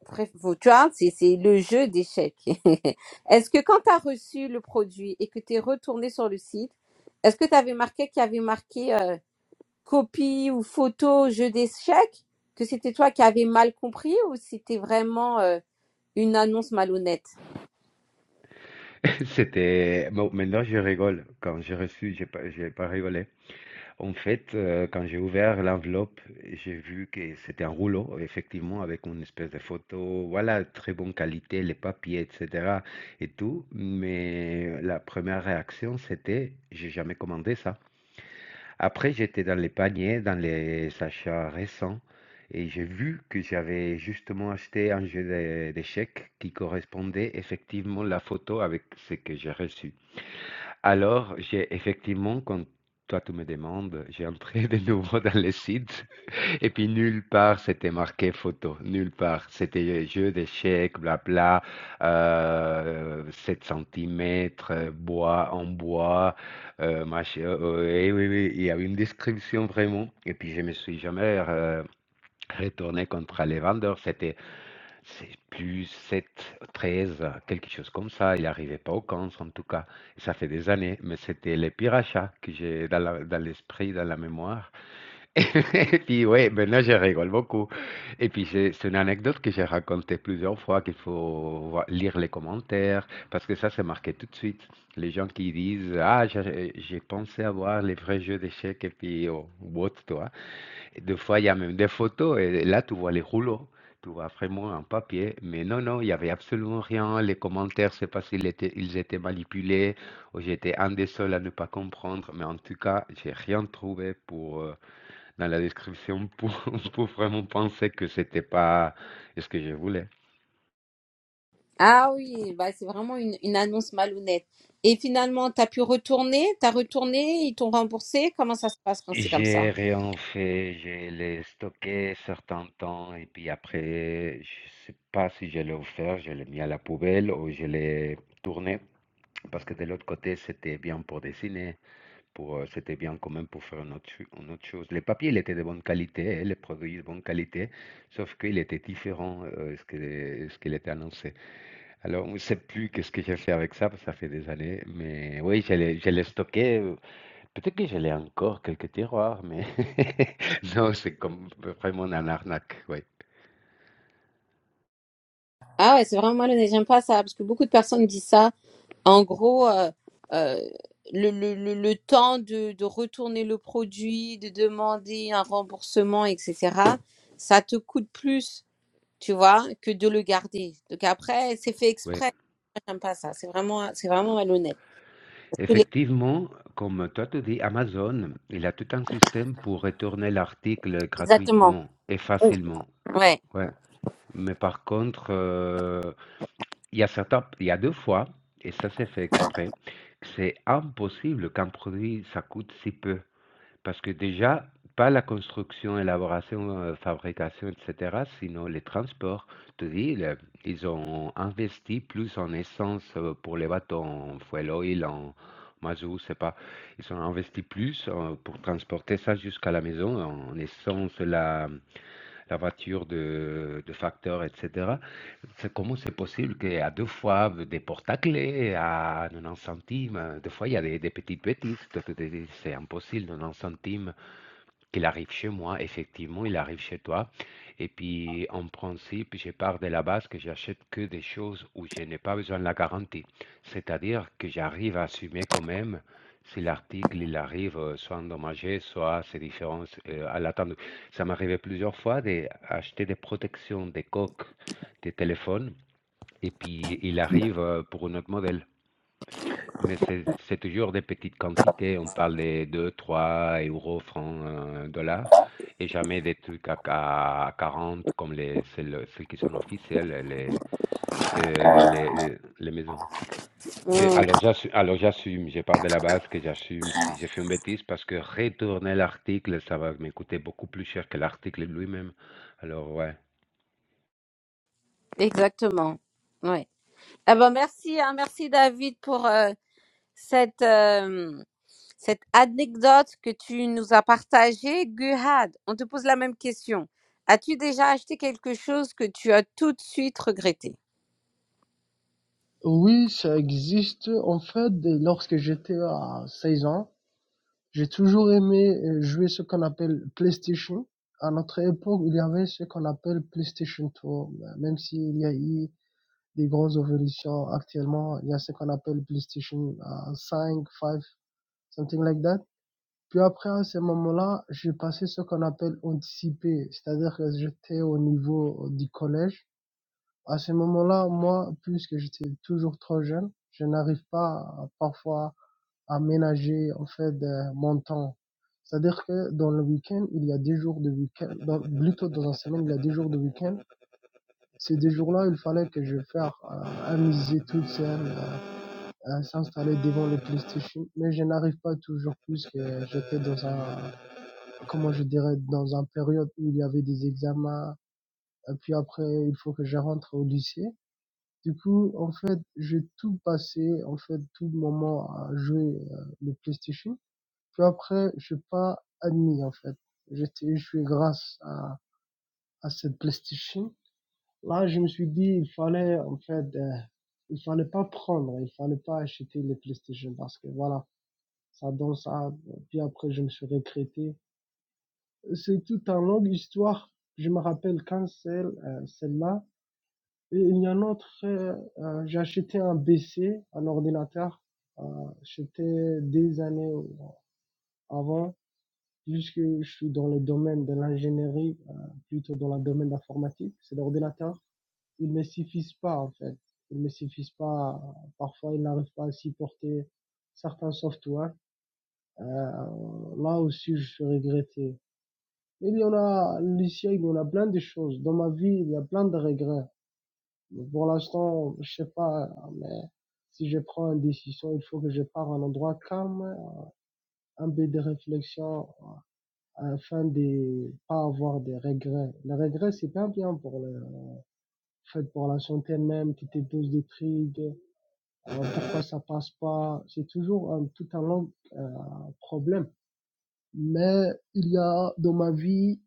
Speaker 1: préf- vont- Tu vois, c'est c'est le jeu d'échecs. Est-ce que quand tu as reçu le produit et que tu es retourné sur le site, est-ce que tu avais marqué qu'il y avait marqué euh, copies ou photos jeu d'échecs, que c'était toi qui avais mal compris ou c'était vraiment euh, une annonce malhonnête?
Speaker 4: C'était bon maintenant je rigole. Quand j'ai reçu, j'ai pas j'ai pas rigolé. En fait, euh, quand j'ai ouvert l'enveloppe, j'ai vu que c'était un rouleau, effectivement, avec une espèce de photo, voilà, très bonne qualité, les papiers, etc. et tout. Mais la première réaction, c'était, j'ai jamais commandé ça. Après, j'étais dans les paniers, dans les achats récents, et j'ai vu que j'avais justement acheté un jeu de- d'échecs qui correspondait effectivement la photo avec ce que j'ai reçu. Alors, j'ai effectivement, quand toi tu me demandes, j'ai entré de nouveau dans le site et puis nulle part c'était marqué photo, nulle part. C'était jeu d'échecs, blabla, euh, 7 cm, bois en bois, euh, machin. euh, et oui, oui, il y avait une description vraiment. Et puis je me suis jamais euh, retourné contre les vendeurs. C'était c'est plus sept treize quelque chose comme ça. Il n'arrivait pas au 15 en tout cas. Ça fait des années, mais c'était les pire achat que j'ai dans la dans l'esprit, dans la mémoire. Et puis ouais, maintenant je rigole beaucoup. Et puis c'est c'est une anecdote que j'ai racontée plusieurs fois, qu'il faut voi lire les commentaires, parce que ça, c'est marqué tout de suite. Les gens qui disent: «Ah, j'ai j'ai pensé avoir les vrais jeux d'échecs» et puis oh, what, tu vois? Et des fois, il y a même des photos et là, tu vois les rouleaux, tu vois vraiment un papier. Mais non, non, il y avait absolument rien. Les commentaires, c'est pas s'ils étaient, ils étaient manipulés ou j'étais un des seuls à ne pas comprendre. Mais en tout cas, j'ai rien trouvé pour, euh, dans la description pour, pour vraiment penser que c'était pas ce que je voulais.
Speaker 1: Ah oui, bah c'est vraiment une, une annonce malhonnête. Et finalement, t'as pu retourner, t'as retourné, ils t'ont remboursé. Comment ça se passe quand c'est comme
Speaker 4: J'ai
Speaker 1: ça?
Speaker 4: rien fait, je l'ai stocké certains temps et puis après, je sais pas si je l'ai offert, je l'ai mis à la poubelle ou je l'ai tourné. Parce que de l'autre côté, c'était bien pour dessiner, pour, euh, c'était bien quand même pour faire une autre, cho- une autre chose. Les papiers, il était de bonne qualité, et les produits de bonne qualité, sauf qu'il était différent euh, ce que, ce qu'il était annoncé. Alors, on ne sait plus qu'est-ce que j'ai fait avec ça, parce que ça fait des années, mais oui, je l'ai je l'ai stocké. euh, Peut-être que je l'ai encore quelques tiroirs, mais non, c'est comme vraiment un arnaque,
Speaker 1: Ah ouais, c'est vraiment malhonnête. J'aime pas ça parce que beaucoup de personnes disent ça. En gros, euh, euh, le, le, le, le temps de, de retourner le produit, de demander un remboursement, etc., ça te coûte plus tu vois, que de le garder. Donc après, c'est fait
Speaker 4: oui.
Speaker 1: exprès. Moi, J'aime pas ça. C'est vraiment, c'est vraiment malhonnête. Il est-
Speaker 4: Effectivement, comme toi te dis, Amazon, il a tout un système pour retourner l'article
Speaker 1: Exactement.
Speaker 4: gratuitement et
Speaker 1: Oui.
Speaker 4: facilement.
Speaker 1: Ouais.
Speaker 4: Ouais. Mais par contre, euh, il y a certains, il y a deux fois, et ça c'est fait exprès, que c'est impossible qu'un produit ça coûte si peu. Parce que déjà, pas la construction, élaboration, euh, fabrication, etc., sinon les transports. Je te dis, le- ils ont investi plus en essence euh, pour les bateaux, en fuel oil, en, moi, je ne sais pas. Ils ont investi plus euh, pour transporter ça jusqu'à la maison en essence, la, la voiture de, de facteur, etc. C'est comment c'est possible qu'à deux fois des portes à clés, à 90 centimes, euh, des fois il y a des, des petites bêtises. t- t- C'est impossible, 90 centimes. Qu'il arrive chez moi, effectivement, il arrive chez toi. Et puis, en principe, je pars de la base que j'achète que des choses où je n'ai pas besoin de la garantie. C'est-à-dire que j'arrive à assumer quand même si l'article, il arrive euh, soit endommagé, soit c'est différence euh, à l'attendu. Ça m'arrivait plusieurs fois d'acheter des protections, des coques, des téléphones, et puis il arrive euh, pour un autre modèle. Mais c'est c'est toujours des petites quantités, on parle des deux trois euros francs, heu, dollars et jamais des trucs à à 40 comme les celles celles qui sont officielles, les, heu, les les maisons et
Speaker 1: Mm.
Speaker 4: alors j'assu alors j'assume, je pars de la base que j'assume si j'ai fait une bêtise parce que retourner l'article, ça va me beaucoup plus cher que l'article lui-même. Alors ouais.
Speaker 1: Exactement. Ouais. Ah ben merci, hein. merci David pour euh, cette euh, cette anecdote que tu nous as partagée. Guhad, on te pose la même question. As-tu déjà acheté quelque chose que tu as tout de suite regretté
Speaker 5: oui, ça existe. En fait, lorsque j'étais à 16 ans, j'ai toujours aimé euh, jouer ce qu'on appelle PlayStation. À notre époque, il y avait ce qu'on appelle PlayStation 2, même s'il y a eu des grosses évolutions actuellement. Il y a ce qu'on appelle PlayStation euh, 5, 5, something like that. Puis après, à ce moment-là, j'ai passé ce qu'on appelle anticipé, c'est-à-dire que j'étais au niveau euh, du collège. À ce moment-là, moi, puisque j'étais toujours trop jeune, je n'arrive pas euh, parfois à ménager en fait euh, mon temps. C'est-à-dire que dans le week-end, il y a des jours de week-end, dans- plutôt dans la semaine, il y a des jours de week-end. Ces deux jours-là, il fallait que je fasse euh, à toute seule, à s'installer devant le PlayStation, mais je n'arrive pas toujours plus que j'étais dans un, comment je dirais, dans un période où il y avait des examens, et puis après, il faut que je rentre au lycée. Du coup, en fait, j'ai tout passé, en fait, tout le moment à jouer euh, le PlayStation. Puis après, je suis pas admis, en fait. J'étais, je suis grâce à, à cette PlayStation. Là, je me suis dit, il fallait, en fait, euh, il fallait pas prendre, il fallait pas acheter les PlayStation parce que voilà, ça danse, ça, puis après je me suis recrété. C'est toute une longue histoire. Je me rappelle quand celle, euh, celle-là. Et il y a un autre, euh, euh, j'ai acheté un BC, un ordinateur. Euh, C'était des années avant, puisque je suis dans le domaine de l'ingénierie, euh, plutôt dans le domaine de l'informatique. C'est l'ordinateur. Il ne me suffisent pas, en fait. Il ne me suffisent pas. Parfois, il n'arrive pas à supporter certains softwares Euh, là aussi, je regrettais. Il y en a, Lucien, il y en a plein de choses. Dans ma vie, il y a plein de regrets. Mais Pour l'instant, je sais pas, mais si je prends une décision, il faut que je parte à un endroit calme, un peu de réflexion, afin de pas avoir des regrets. Les regrets, c'est pas bien pour le, en fait, pour la santé même, tu te poses des trucs, euh, pourquoi ça passe pas. C'est toujours un, tout un long euh, problème. Mais il y a dans ma vie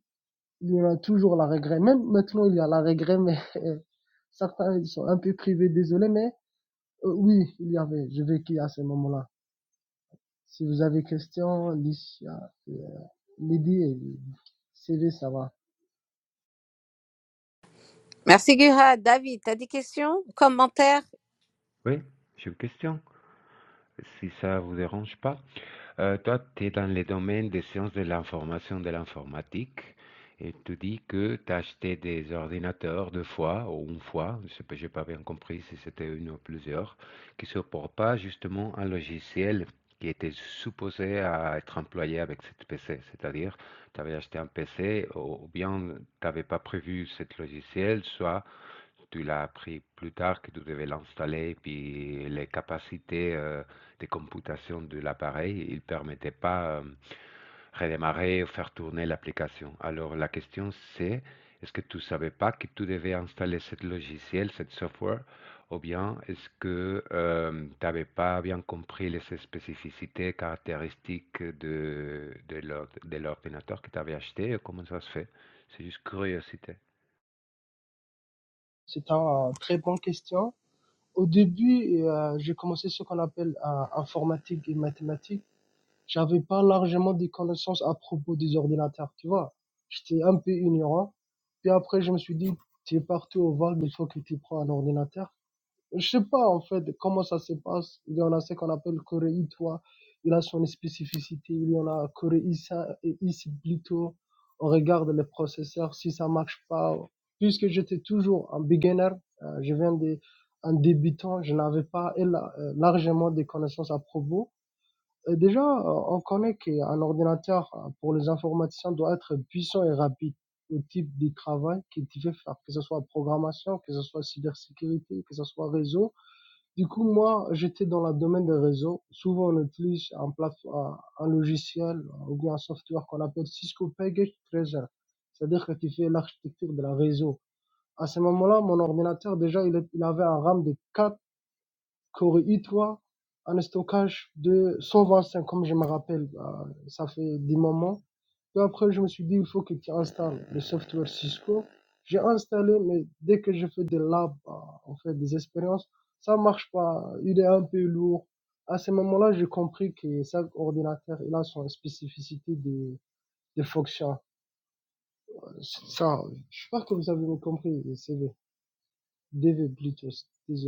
Speaker 5: Il y en a toujours la regret. Même maintenant, il y a la regret, mais certains ils sont un peu privés, désolé, mais euh, oui, il y avait, je vécu à ce moment-là. Si vous avez question, Licia, euh, Lydie et CV, ça va.
Speaker 1: Merci Guhad. David, t'as des questions, commentaires
Speaker 4: Oui, j'ai une question, si ça vous dérange pas? Euh, toi, tu es dans les domaines des sciences de l'information, de l'informatique, et tu dis que tu as acheté des ordinateurs deux fois ou une fois, je sais pas, j'ai pas bien compris si c'était une ou plusieurs, qui ne supportent pas justement un logiciel qui était supposé à être employé avec cette PC. C'est-à-dire, tu avais acheté un PC ou ou bien tu n'avais pas prévu ce logiciel, soit tu l'as appris plus tard que tu devais l'installer, puis les capacités euh, de computation de l'appareil, il ne permettait pas euh, redémarrer ou faire tourner l'application. Alors la question c'est, est-ce que tu ne savais pas que tu devais installer ce logiciel, cette software, ou bien est-ce que euh, tu n'avais pas bien compris les spécificités, caractéristiques de, de l'ord- de l'ordinateur que tu avais acheté, et comment ça se fait? C'est juste curiosité.
Speaker 5: C'est une très bonne question. Au début, euh, j'ai commencé ce qu'on appelle euh, informatique et mathématiques. J'avais pas largement des connaissances à propos des ordinateurs, tu vois. J'étais un peu ignorant. Puis après, je me suis dit, tu es partout au vague, il faut que tu prends un ordinateur. Je sais pas en fait comment ça se passe. Il y en a ce qu'on appelle Corée, toi, il a son spécificité. Il y en a Corée, ça et ici plutôt. On regarde les processeurs si ça marche pas. Puisque j'étais toujours un beginner, euh, je viens de un débutant, je n'avais pas et euh, largement des connaissances à propos. Euh, déjà, euh, on connaît qu'un ordinateur euh, pour les informaticiens doit être puissant et rapide au type de travail qu'il devait faire, que ce soit programmation, que ce soit cybersécurité, que ce soit réseau du coup, moi, j'étais dans le domaine des réseaux. Souvent, on utilise un, plate- un, un logiciel euh, ou bien un software qu'on appelle Cisco Package Treasure. C'est-à-dire que tu fais l'architecture de la réseau. À ce moment-là, mon ordinateur, déjà, il, est- il avait un RAM de 4 qu'aurait eu toi un stockage de 125, comme je me rappelle, bah, ça fait des moments. Puis après, je me suis dit, il faut que tu installes le software Cisco. J'ai installé, mais dès que je fais des labs, bah, on fait des expériences, ça marche pas. Il est un peu lourd. À ce moment-là, j'ai compris que chaque ordinateur, il a son spécificité des, des fonctions. Ça, je sais pas que vous avez compris, c'est DV plutôt, désolé.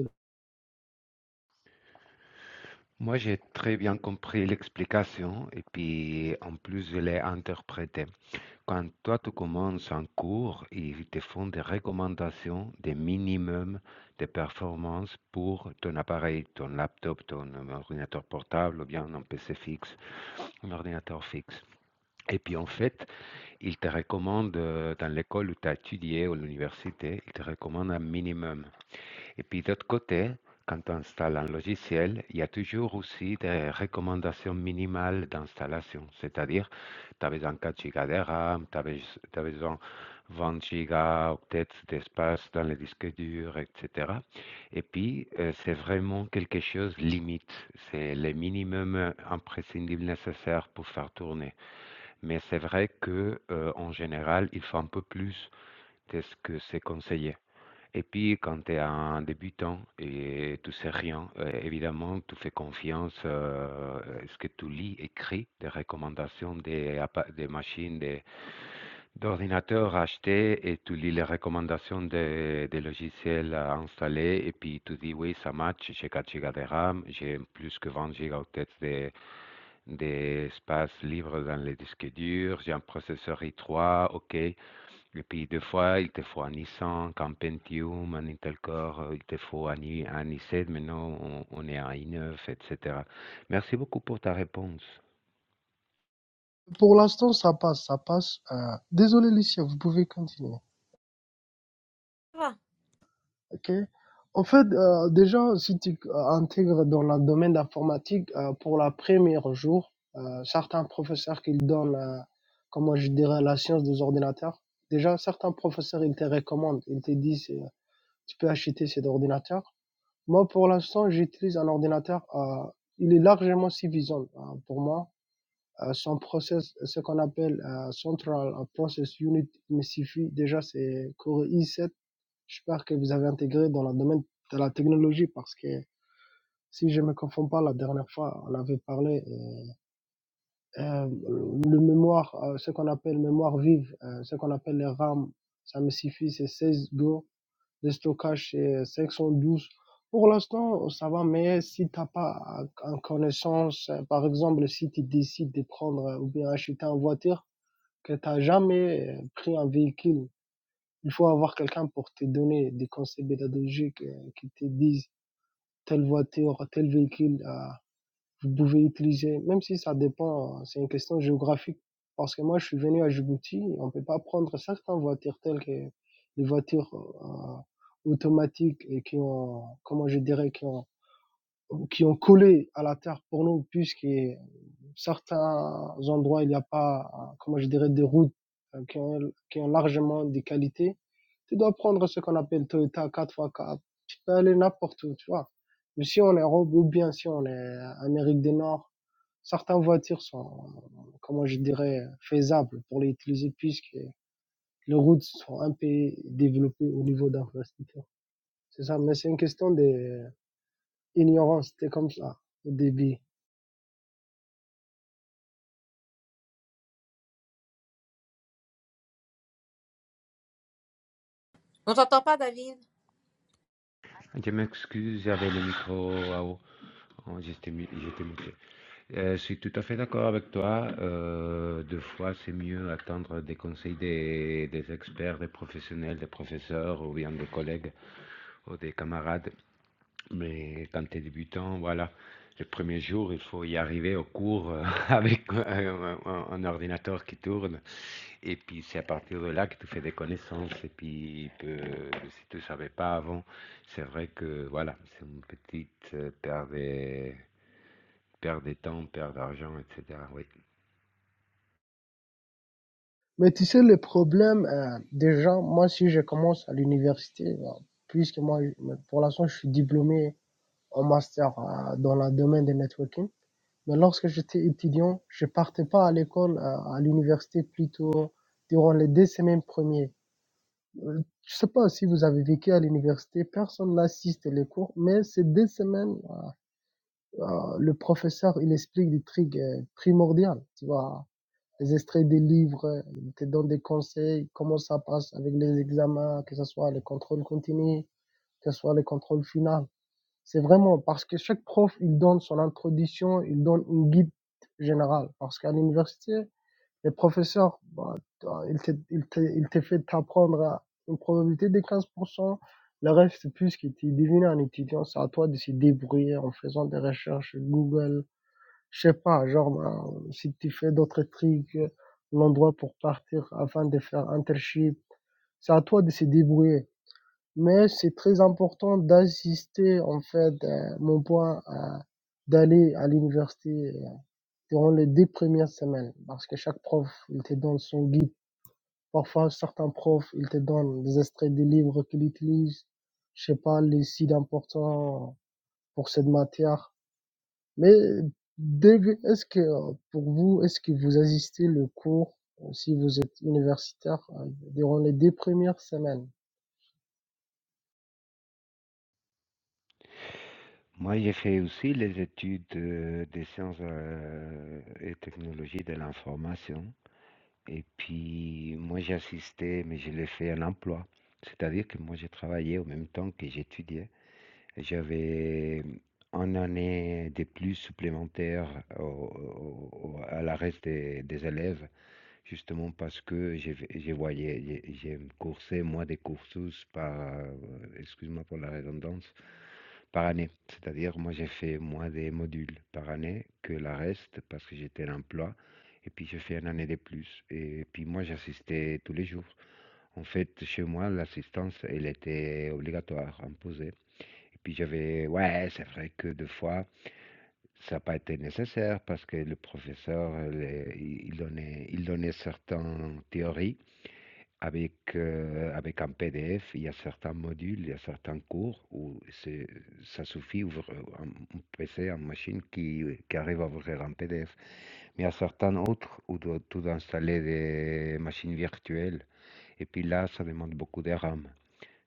Speaker 4: Moi, j'ai très bien compris l'explication et puis en plus, je l'ai interprétée. Quand toi, tu commences un cours, ils te font des recommandations des minimums de performance pour ton appareil, ton laptop, ton euh, ordinateur portable ou bien un PC fixe, un ordinateur fixe. Et puis en fait, ils te recommandent euh, dans l'école où tu as étudié ou l'université, ils te recommandent un minimum. Et puis d'autre côté, quand on installe un logiciel, il y a toujours aussi des recommandations minimales d'installation. C'est-à-dire, tu as besoin de 4 gigas de RAM, tu as besoin de 20 gigas peut d'espace dans le disque dur, etc. Et puis, euh, c'est vraiment quelque chose limite. C'est le minimum imprescindible nécessaire pour faire tourner. Mais c'est vrai que, euh, en général, il faut un peu plus de ce que c'est conseillé. Et puis, quand tu es un débutant et tu sais rien, euh, évidemment, tu fais confiance euh, à ce que tu lis, écrit, des recommandations des, appa- des machines, des, d'ordinateurs achetés, et tu lis les recommandations des, des logiciels à installer, et puis tu dis, oui, ça match, j'ai 4 Go de RAM, j'ai plus que 20 Go de, d'espace libre dans les disques durs, j'ai un processeur i3, ok, et puis, des fois, il te faut un i5, un Pentium, un Intel Core, euh, il te faut un, i, un i7, maintenant on, on est à un i9, etc. Merci beaucoup pour ta réponse.
Speaker 5: Pour l'instant, ça passe, ça passe. Euh, désolé, Lucia, vous pouvez continuer.
Speaker 1: va.
Speaker 5: Ok. En fait, euh, déjà, si tu euh, intègres dans le domaine d'informatique, euh, pour la première jour, euh, certains professeurs qui donnent, euh, comment je dirais, la science des ordinateurs, déjà, certains professeurs, ils te recommandent, ils te disent, euh, tu peux acheter cet ordinateur. Moi, pour l'instant, j'utilise un ordinateur, euh, il est largement suffisant euh, pour moi. euh, son process, ce qu'on appelle euh, Central Process Unit MCFI, déjà c'est Core i7. J'espère que vous avez intégré dans le domaine de la technologie parce que si je ne me confonds pas, la dernière fois, on avait parlé euh, euh, le mémoire, euh, ce qu'on appelle mémoire vive, euh, ce qu'on appelle les RAM, ça me suffit, c'est 16 Go, le stockage c'est 512. Pour l'instant, ça va, mais si tu n'as pas en connaissance, euh, par exemple, si tu décides de prendre euh, ou bien acheter en voiture, que t'as jamais euh, pris un véhicule, il faut avoir quelqu'un pour te donner des conseils pédagogiques euh, qui te disent telle voiture, tel véhicule, euh, vous pouvez utiliser, même si ça dépend, euh, c'est une question géographique. Parce que moi, je suis venu à Djibouti, on ne peut pas prendre certaines voitures telles que les voitures euh, automatiques et qui ont, comment je dirais, qui ont qui ont collé à la terre pour nous, puisque certains endroits, il n'y a pas, euh, comment je dirais, des routes euh, qui ont, qui ont largement des qualités. Tu dois prendre ce qu'on appelle Toyota 4x4. Tu peux aller n'importe où, tu vois. Mais si on est Europe ou bien si on est Amérique du Nord, certaines voitures sont, euh, comment je dirais, faisables pour les utiliser puisque les routes sont un peu développées au niveau d'infrastructure. C'est ça, mais c'est une question de Ignorance, c'était comme ça au début.
Speaker 1: On t'entend pas, David.
Speaker 4: Je m'excuse, j'avais le micro à haut. Oh, J'étais mu- j'étais muté. Euh, je suis tout à fait d'accord avec toi. euh, des fois, c'est mieux attendre des conseils des, des experts, des professionnels, des professeurs ou bien des collègues ou des camarades Mais quand tu es débutant, voilà, les premiers jours, il faut y arriver au cours euh, avec un, un- un- ordinateur qui tourne. Et puis c'est à partir de là que tu fais des connaissances. Et puis que si tu ne savais pas avant, c'est vrai que voilà, c'est une petite euh, perte de, perte de temps, perte d'argent, etc. Oui.
Speaker 5: Mais tu sais, le problème euh, des gens, moi, si je commence à l'université, euh, puisque moi, pour l'instant, je suis diplômé en master euh, dans le domaine des networking, mais lorsque j'étais étudiant, je partais pas à l'école, euh, à l'université plutôt durant les deux semaines premières. Euh, Je sais pas si vous avez vécu à l'université, personne n'assiste les cours, mais ces deux semaines, euh, le professeur, il explique des trucs euh, primordiaux, tu vois les extraits des livres, ils te donnent des conseils, comment ça passe avec les examens, que ce soit les contrôles continus, que ce soit les contrôles finaux. C'est vraiment parce que chaque prof, il donne son introduction, il donne une guide générale. Parce qu'à l'université, les professeurs, euh, ils te, ils te, ils te font apprendre à une probabilité de 15%. Le reste, c'est plus que tu devines un étudiant, c'est à toi de se débrouiller en faisant des recherches Google, je sais pas, genre, ben, si tu fais d'autres trucs, euh, l'endroit pour partir afin de faire un trip, c'est à toi de se débrouiller. Mais c'est très important d'assister, en fait, euh, mon point, euh, d'aller à l'université euh, durant les deux premières semaines. Parce que chaque prof, il te donne son guide. Parfois, certains profs, ils te donnent des extraits des livres qu'ils utilisent. Je sais pas, les sites importants pour cette matière. Mais dég est-ce que, heu, pour vous, est-ce que vous assistez le cours, euh, si vous êtes universitaire, heu, durant les 2 premières semaines?
Speaker 4: Moi, j'ai fait aussi les études euh, des sciences euh, et technologies de l'information. Et puis, moi, j'ai assisté, mais je l'ai fait à l'emploi. C'est-à-dire que moi, j'ai travaillé en même temps que j'étudiais. J'avais hum, une année de plus supplémentaire au- au- au- à la reste des, des élèves, justement parce que je, je voyais, j'ai j'ai coursé, moi, des cursus par, euh, excuse-moi pour la redondance, par année. C'est-à-dire, moi, j'ai fait moins des modules par année que la reste parce que j'étais à l'emploi. Et puis, j'ai fait une année de plus. Et puis, moi, j'assistais tous les jours. En fait, chez moi, l'assistance, elle était obligatoire, imposée. Et puis, j'avais, ouais, c'est vrai que deux fois, ça n'a pas été nécessaire parce que le professeur, elle, il il donnait, il donnait certaines théories. Avec, heu, avec un PDF, il y a certains modules, il y a certains cours où c'est ça suffit ouvrir, heu, un un PC, une machine qui euh, qui arrive à ouvrir un PDF. Mais il y a certains autres où doit tout installer des machines virtuelles et puis là, ça demande beaucoup de RAM.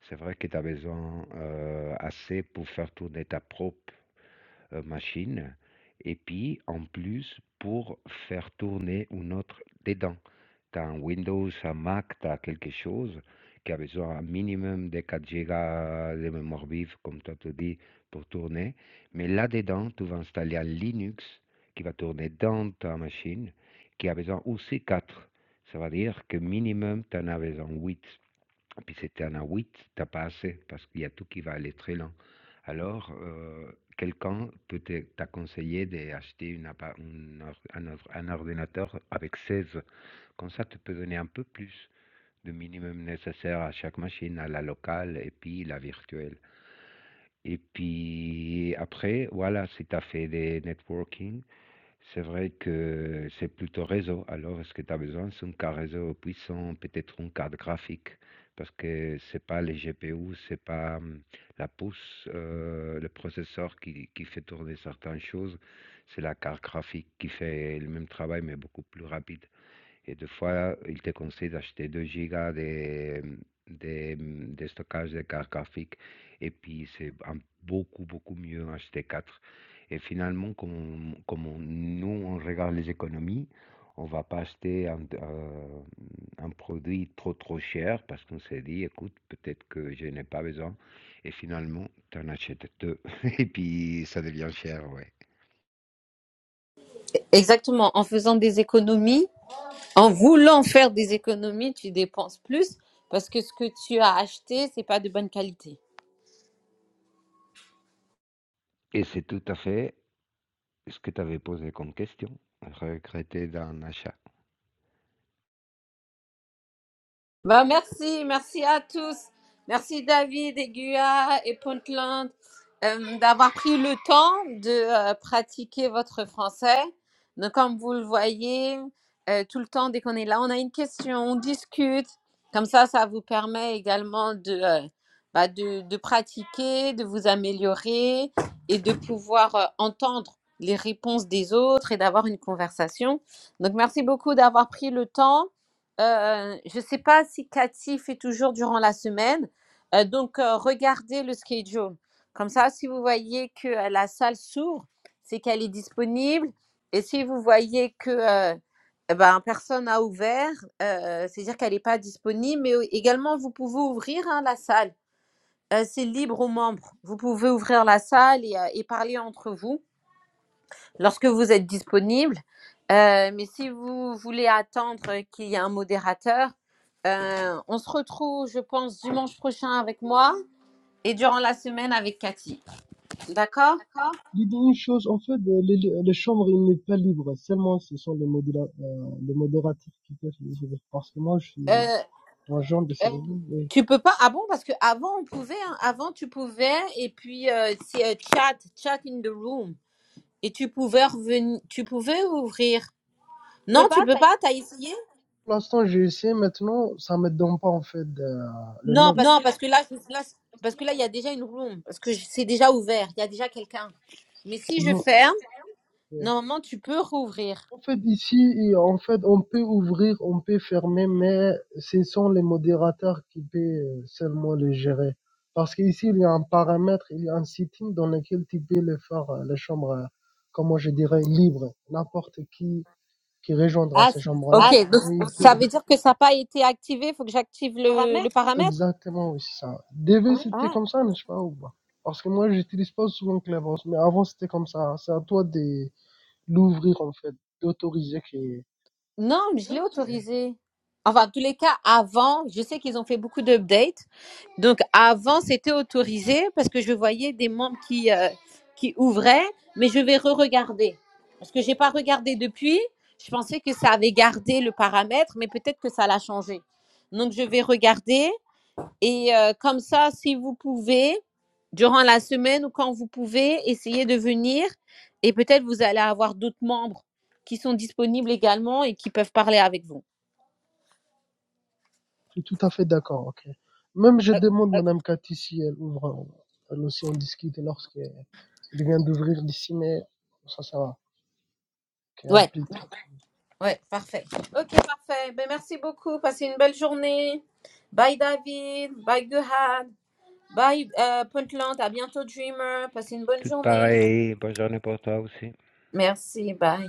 Speaker 4: C'est vrai que tu as besoin, heu, assez pour faire tourner ta propre heu, machine et puis en plus pour faire tourner une autre dedans. Tu as un Windows, un Mac, tu as quelque chose qui a besoin un minimum de 4 Go de mémoire vive, comme toi tu dis, pour tourner. Mais là-dedans, tu vas installer un Linux qui va tourner dans ta machine, qui a besoin aussi 4 Ça veut dire que minimum, tu en as besoin 8 et Puis c'était un à 8, tu pas assez parce qu'il y a tout qui va aller très lent. Alors, heu, quelqu'un peut te t'a conseillé d'acheter une appa une or un or un ordinateur avec 16. Comme ça, tu peux donner un peu plus de minimum nécessaire à chaque machine, à la locale et puis la virtuelle. Et puis après, voilà, si tu as fait des networking, c'est vrai que c'est plutôt réseau. Alors, ce que tu as besoin, c'est un carte réseau puissant, peut-être une carte graphique, parce que c'est pas les GPU, c'est pas hum, la pousse, euh, le processeur qui, qui fait tourner certaines choses, c'est la carte graphique qui fait le même travail, mais beaucoup plus rapide. Et des fois, il te conseille d'acheter 2 gigas de, de, de stockage de carte graphique. Et puis, c'est un- beaucoup, beaucoup mieux acheter 4 Et finalement, comme, on- comme on- nous, on regarde les économies, on va pas acheter un, euh, un produit trop, trop cher parce qu'on s'est dit, écoute, peut-être que je n'ai pas besoin. Et finalement, tu en achètes deux. Et puis, ça devient cher, ouais.
Speaker 1: Exactement. En faisant des économies, en voulant faire des économies, tu dépenses plus parce que ce que tu as acheté, c'est pas de bonne qualité.
Speaker 4: Et c'est tout à fait Ce que tu avais posé comme question, regretter d'un achat.
Speaker 1: Bah, merci, merci à tous. Merci David et Guya et Puntland euh, d'avoir pris le temps de euh, pratiquer votre français. Donc, comme vous le voyez, euh, tout le temps, dès qu'on est là, on a une question, on discute. Comme ça, ça vous permet également de, euh, bah, de, de pratiquer, de vous améliorer et de pouvoir euh, entendre les réponses des autres et d'avoir une conversation. Donc, merci beaucoup d'avoir pris le temps. Euh, euh, je ne sais pas si Cathy fait toujours durant la semaine. Euh, donc, euh, regardez le schedule. Comme ça, si vous voyez que euh, la salle s'ouvre, c'est qu'elle est disponible. Et si vous voyez que euh, eh ben, personne n'a ouvert, euh, euh, c'est-à-dire qu'elle n'est pas disponible. Mais euh, également, vous pouvez ouvrir hein, la salle. Euh, c'est libre aux membres. Vous pouvez ouvrir la salle et, euh, et parler entre vous lorsque vous êtes disponible. Euh, mais si vous voulez attendre qu'il y ait un modérateur, euh, on se retrouve, je pense, dimanche prochain avec moi et durant la semaine avec Cathy. D'accord
Speaker 5: Les dernières choses, en fait, heu, les les les chambres, il n'est pas libre, seulement ce sont les modéla heu, les modérateurs qui peuvent les ouvrir parce que moi, je suis
Speaker 1: Euh,
Speaker 5: agent de Heu service et
Speaker 1: Tu peux pas Ah bon Parce que avant on pouvait. hein. Avant tu pouvais et puis euh, c'est euh, chat, chat in the room et tu pouvais revenir, tu pouvais ouvrir. Non, tu peux pas. T'as essayé
Speaker 5: pour l'instant, j'ai essayé, maintenant, ça me donne pas, en fait, de le nom.
Speaker 1: Non, parce que là, je- là, parce que là, il y a déjà une room parce que je- c'est déjà ouvert. Il y a déjà quelqu'un. Mais si je
Speaker 5: Non.
Speaker 1: ferme
Speaker 5: Ouais.
Speaker 1: Normalement, tu peux rouvrir.
Speaker 5: En fait, ici, en fait, on peut ouvrir, on peut fermer, mais ce sont les modérateurs qui peuvent euh, seulement les gérer. Parce qu'ici, il y a un paramètre, il y a un setting dans lequel tu peux les faire, euh, les chambres, euh, comment je dirais, libres. N'importe qui qui rejoindra
Speaker 1: Ah,
Speaker 5: ces
Speaker 1: c-
Speaker 5: chambres-là,
Speaker 1: ok. Donc,
Speaker 5: ils
Speaker 1: ça
Speaker 5: peuvent
Speaker 1: veut dire que ça n'a pas été activé. Il faut que j'active le, le paramètre
Speaker 5: exactement aussi ça. DV, c'était
Speaker 1: Ah.
Speaker 5: comme ça, n'est-ce pas, ou pas? Parce que moi, j'utilise pas souvent Clevos, mais avant, c'était comme ça. C'est à toi de l'ouvrir, en fait, d'autoriser que
Speaker 1: Non, mais je l'ai
Speaker 5: euh,
Speaker 1: autorisé. Enfin, en tous les cas, avant, je sais qu'ils ont fait beaucoup d'updates. Donc, avant, c'était autorisé parce que je voyais des membres qui, euh, qui ouvraient, mais je vais re-regarder. Parce que j'ai pas regardé depuis. Je pensais que ça avait gardé le paramètre, mais peut-être que ça l'a changé. Donc, je vais regarder Et euh, comme ça, si vous pouvez, durant la semaine ou quand vous pouvez, essayez de venir. Et peut-être vous allez avoir d'autres membres qui sont disponibles également et qui peuvent parler avec vous.
Speaker 5: Je suis tout à fait d'accord, ok. Même je
Speaker 1: Euh,
Speaker 5: demande à Madame Cathy si elle ouvre, elle aussi on discute lorsqu'elle vient d'ouvrir d'ici, mais ça, ça va. Ok, un
Speaker 1: ouais,
Speaker 5: plit.
Speaker 1: ouais, parfait. Ok, parfait. Ben, merci beaucoup. Passez une belle journée. Bye David. Bye Guhad. Bye euh, Puntland. À bientôt Dreamer. Passez une bonne
Speaker 4: Tout
Speaker 1: journée.
Speaker 4: pareil, bonne journée pour toi aussi.
Speaker 1: Merci. Bye.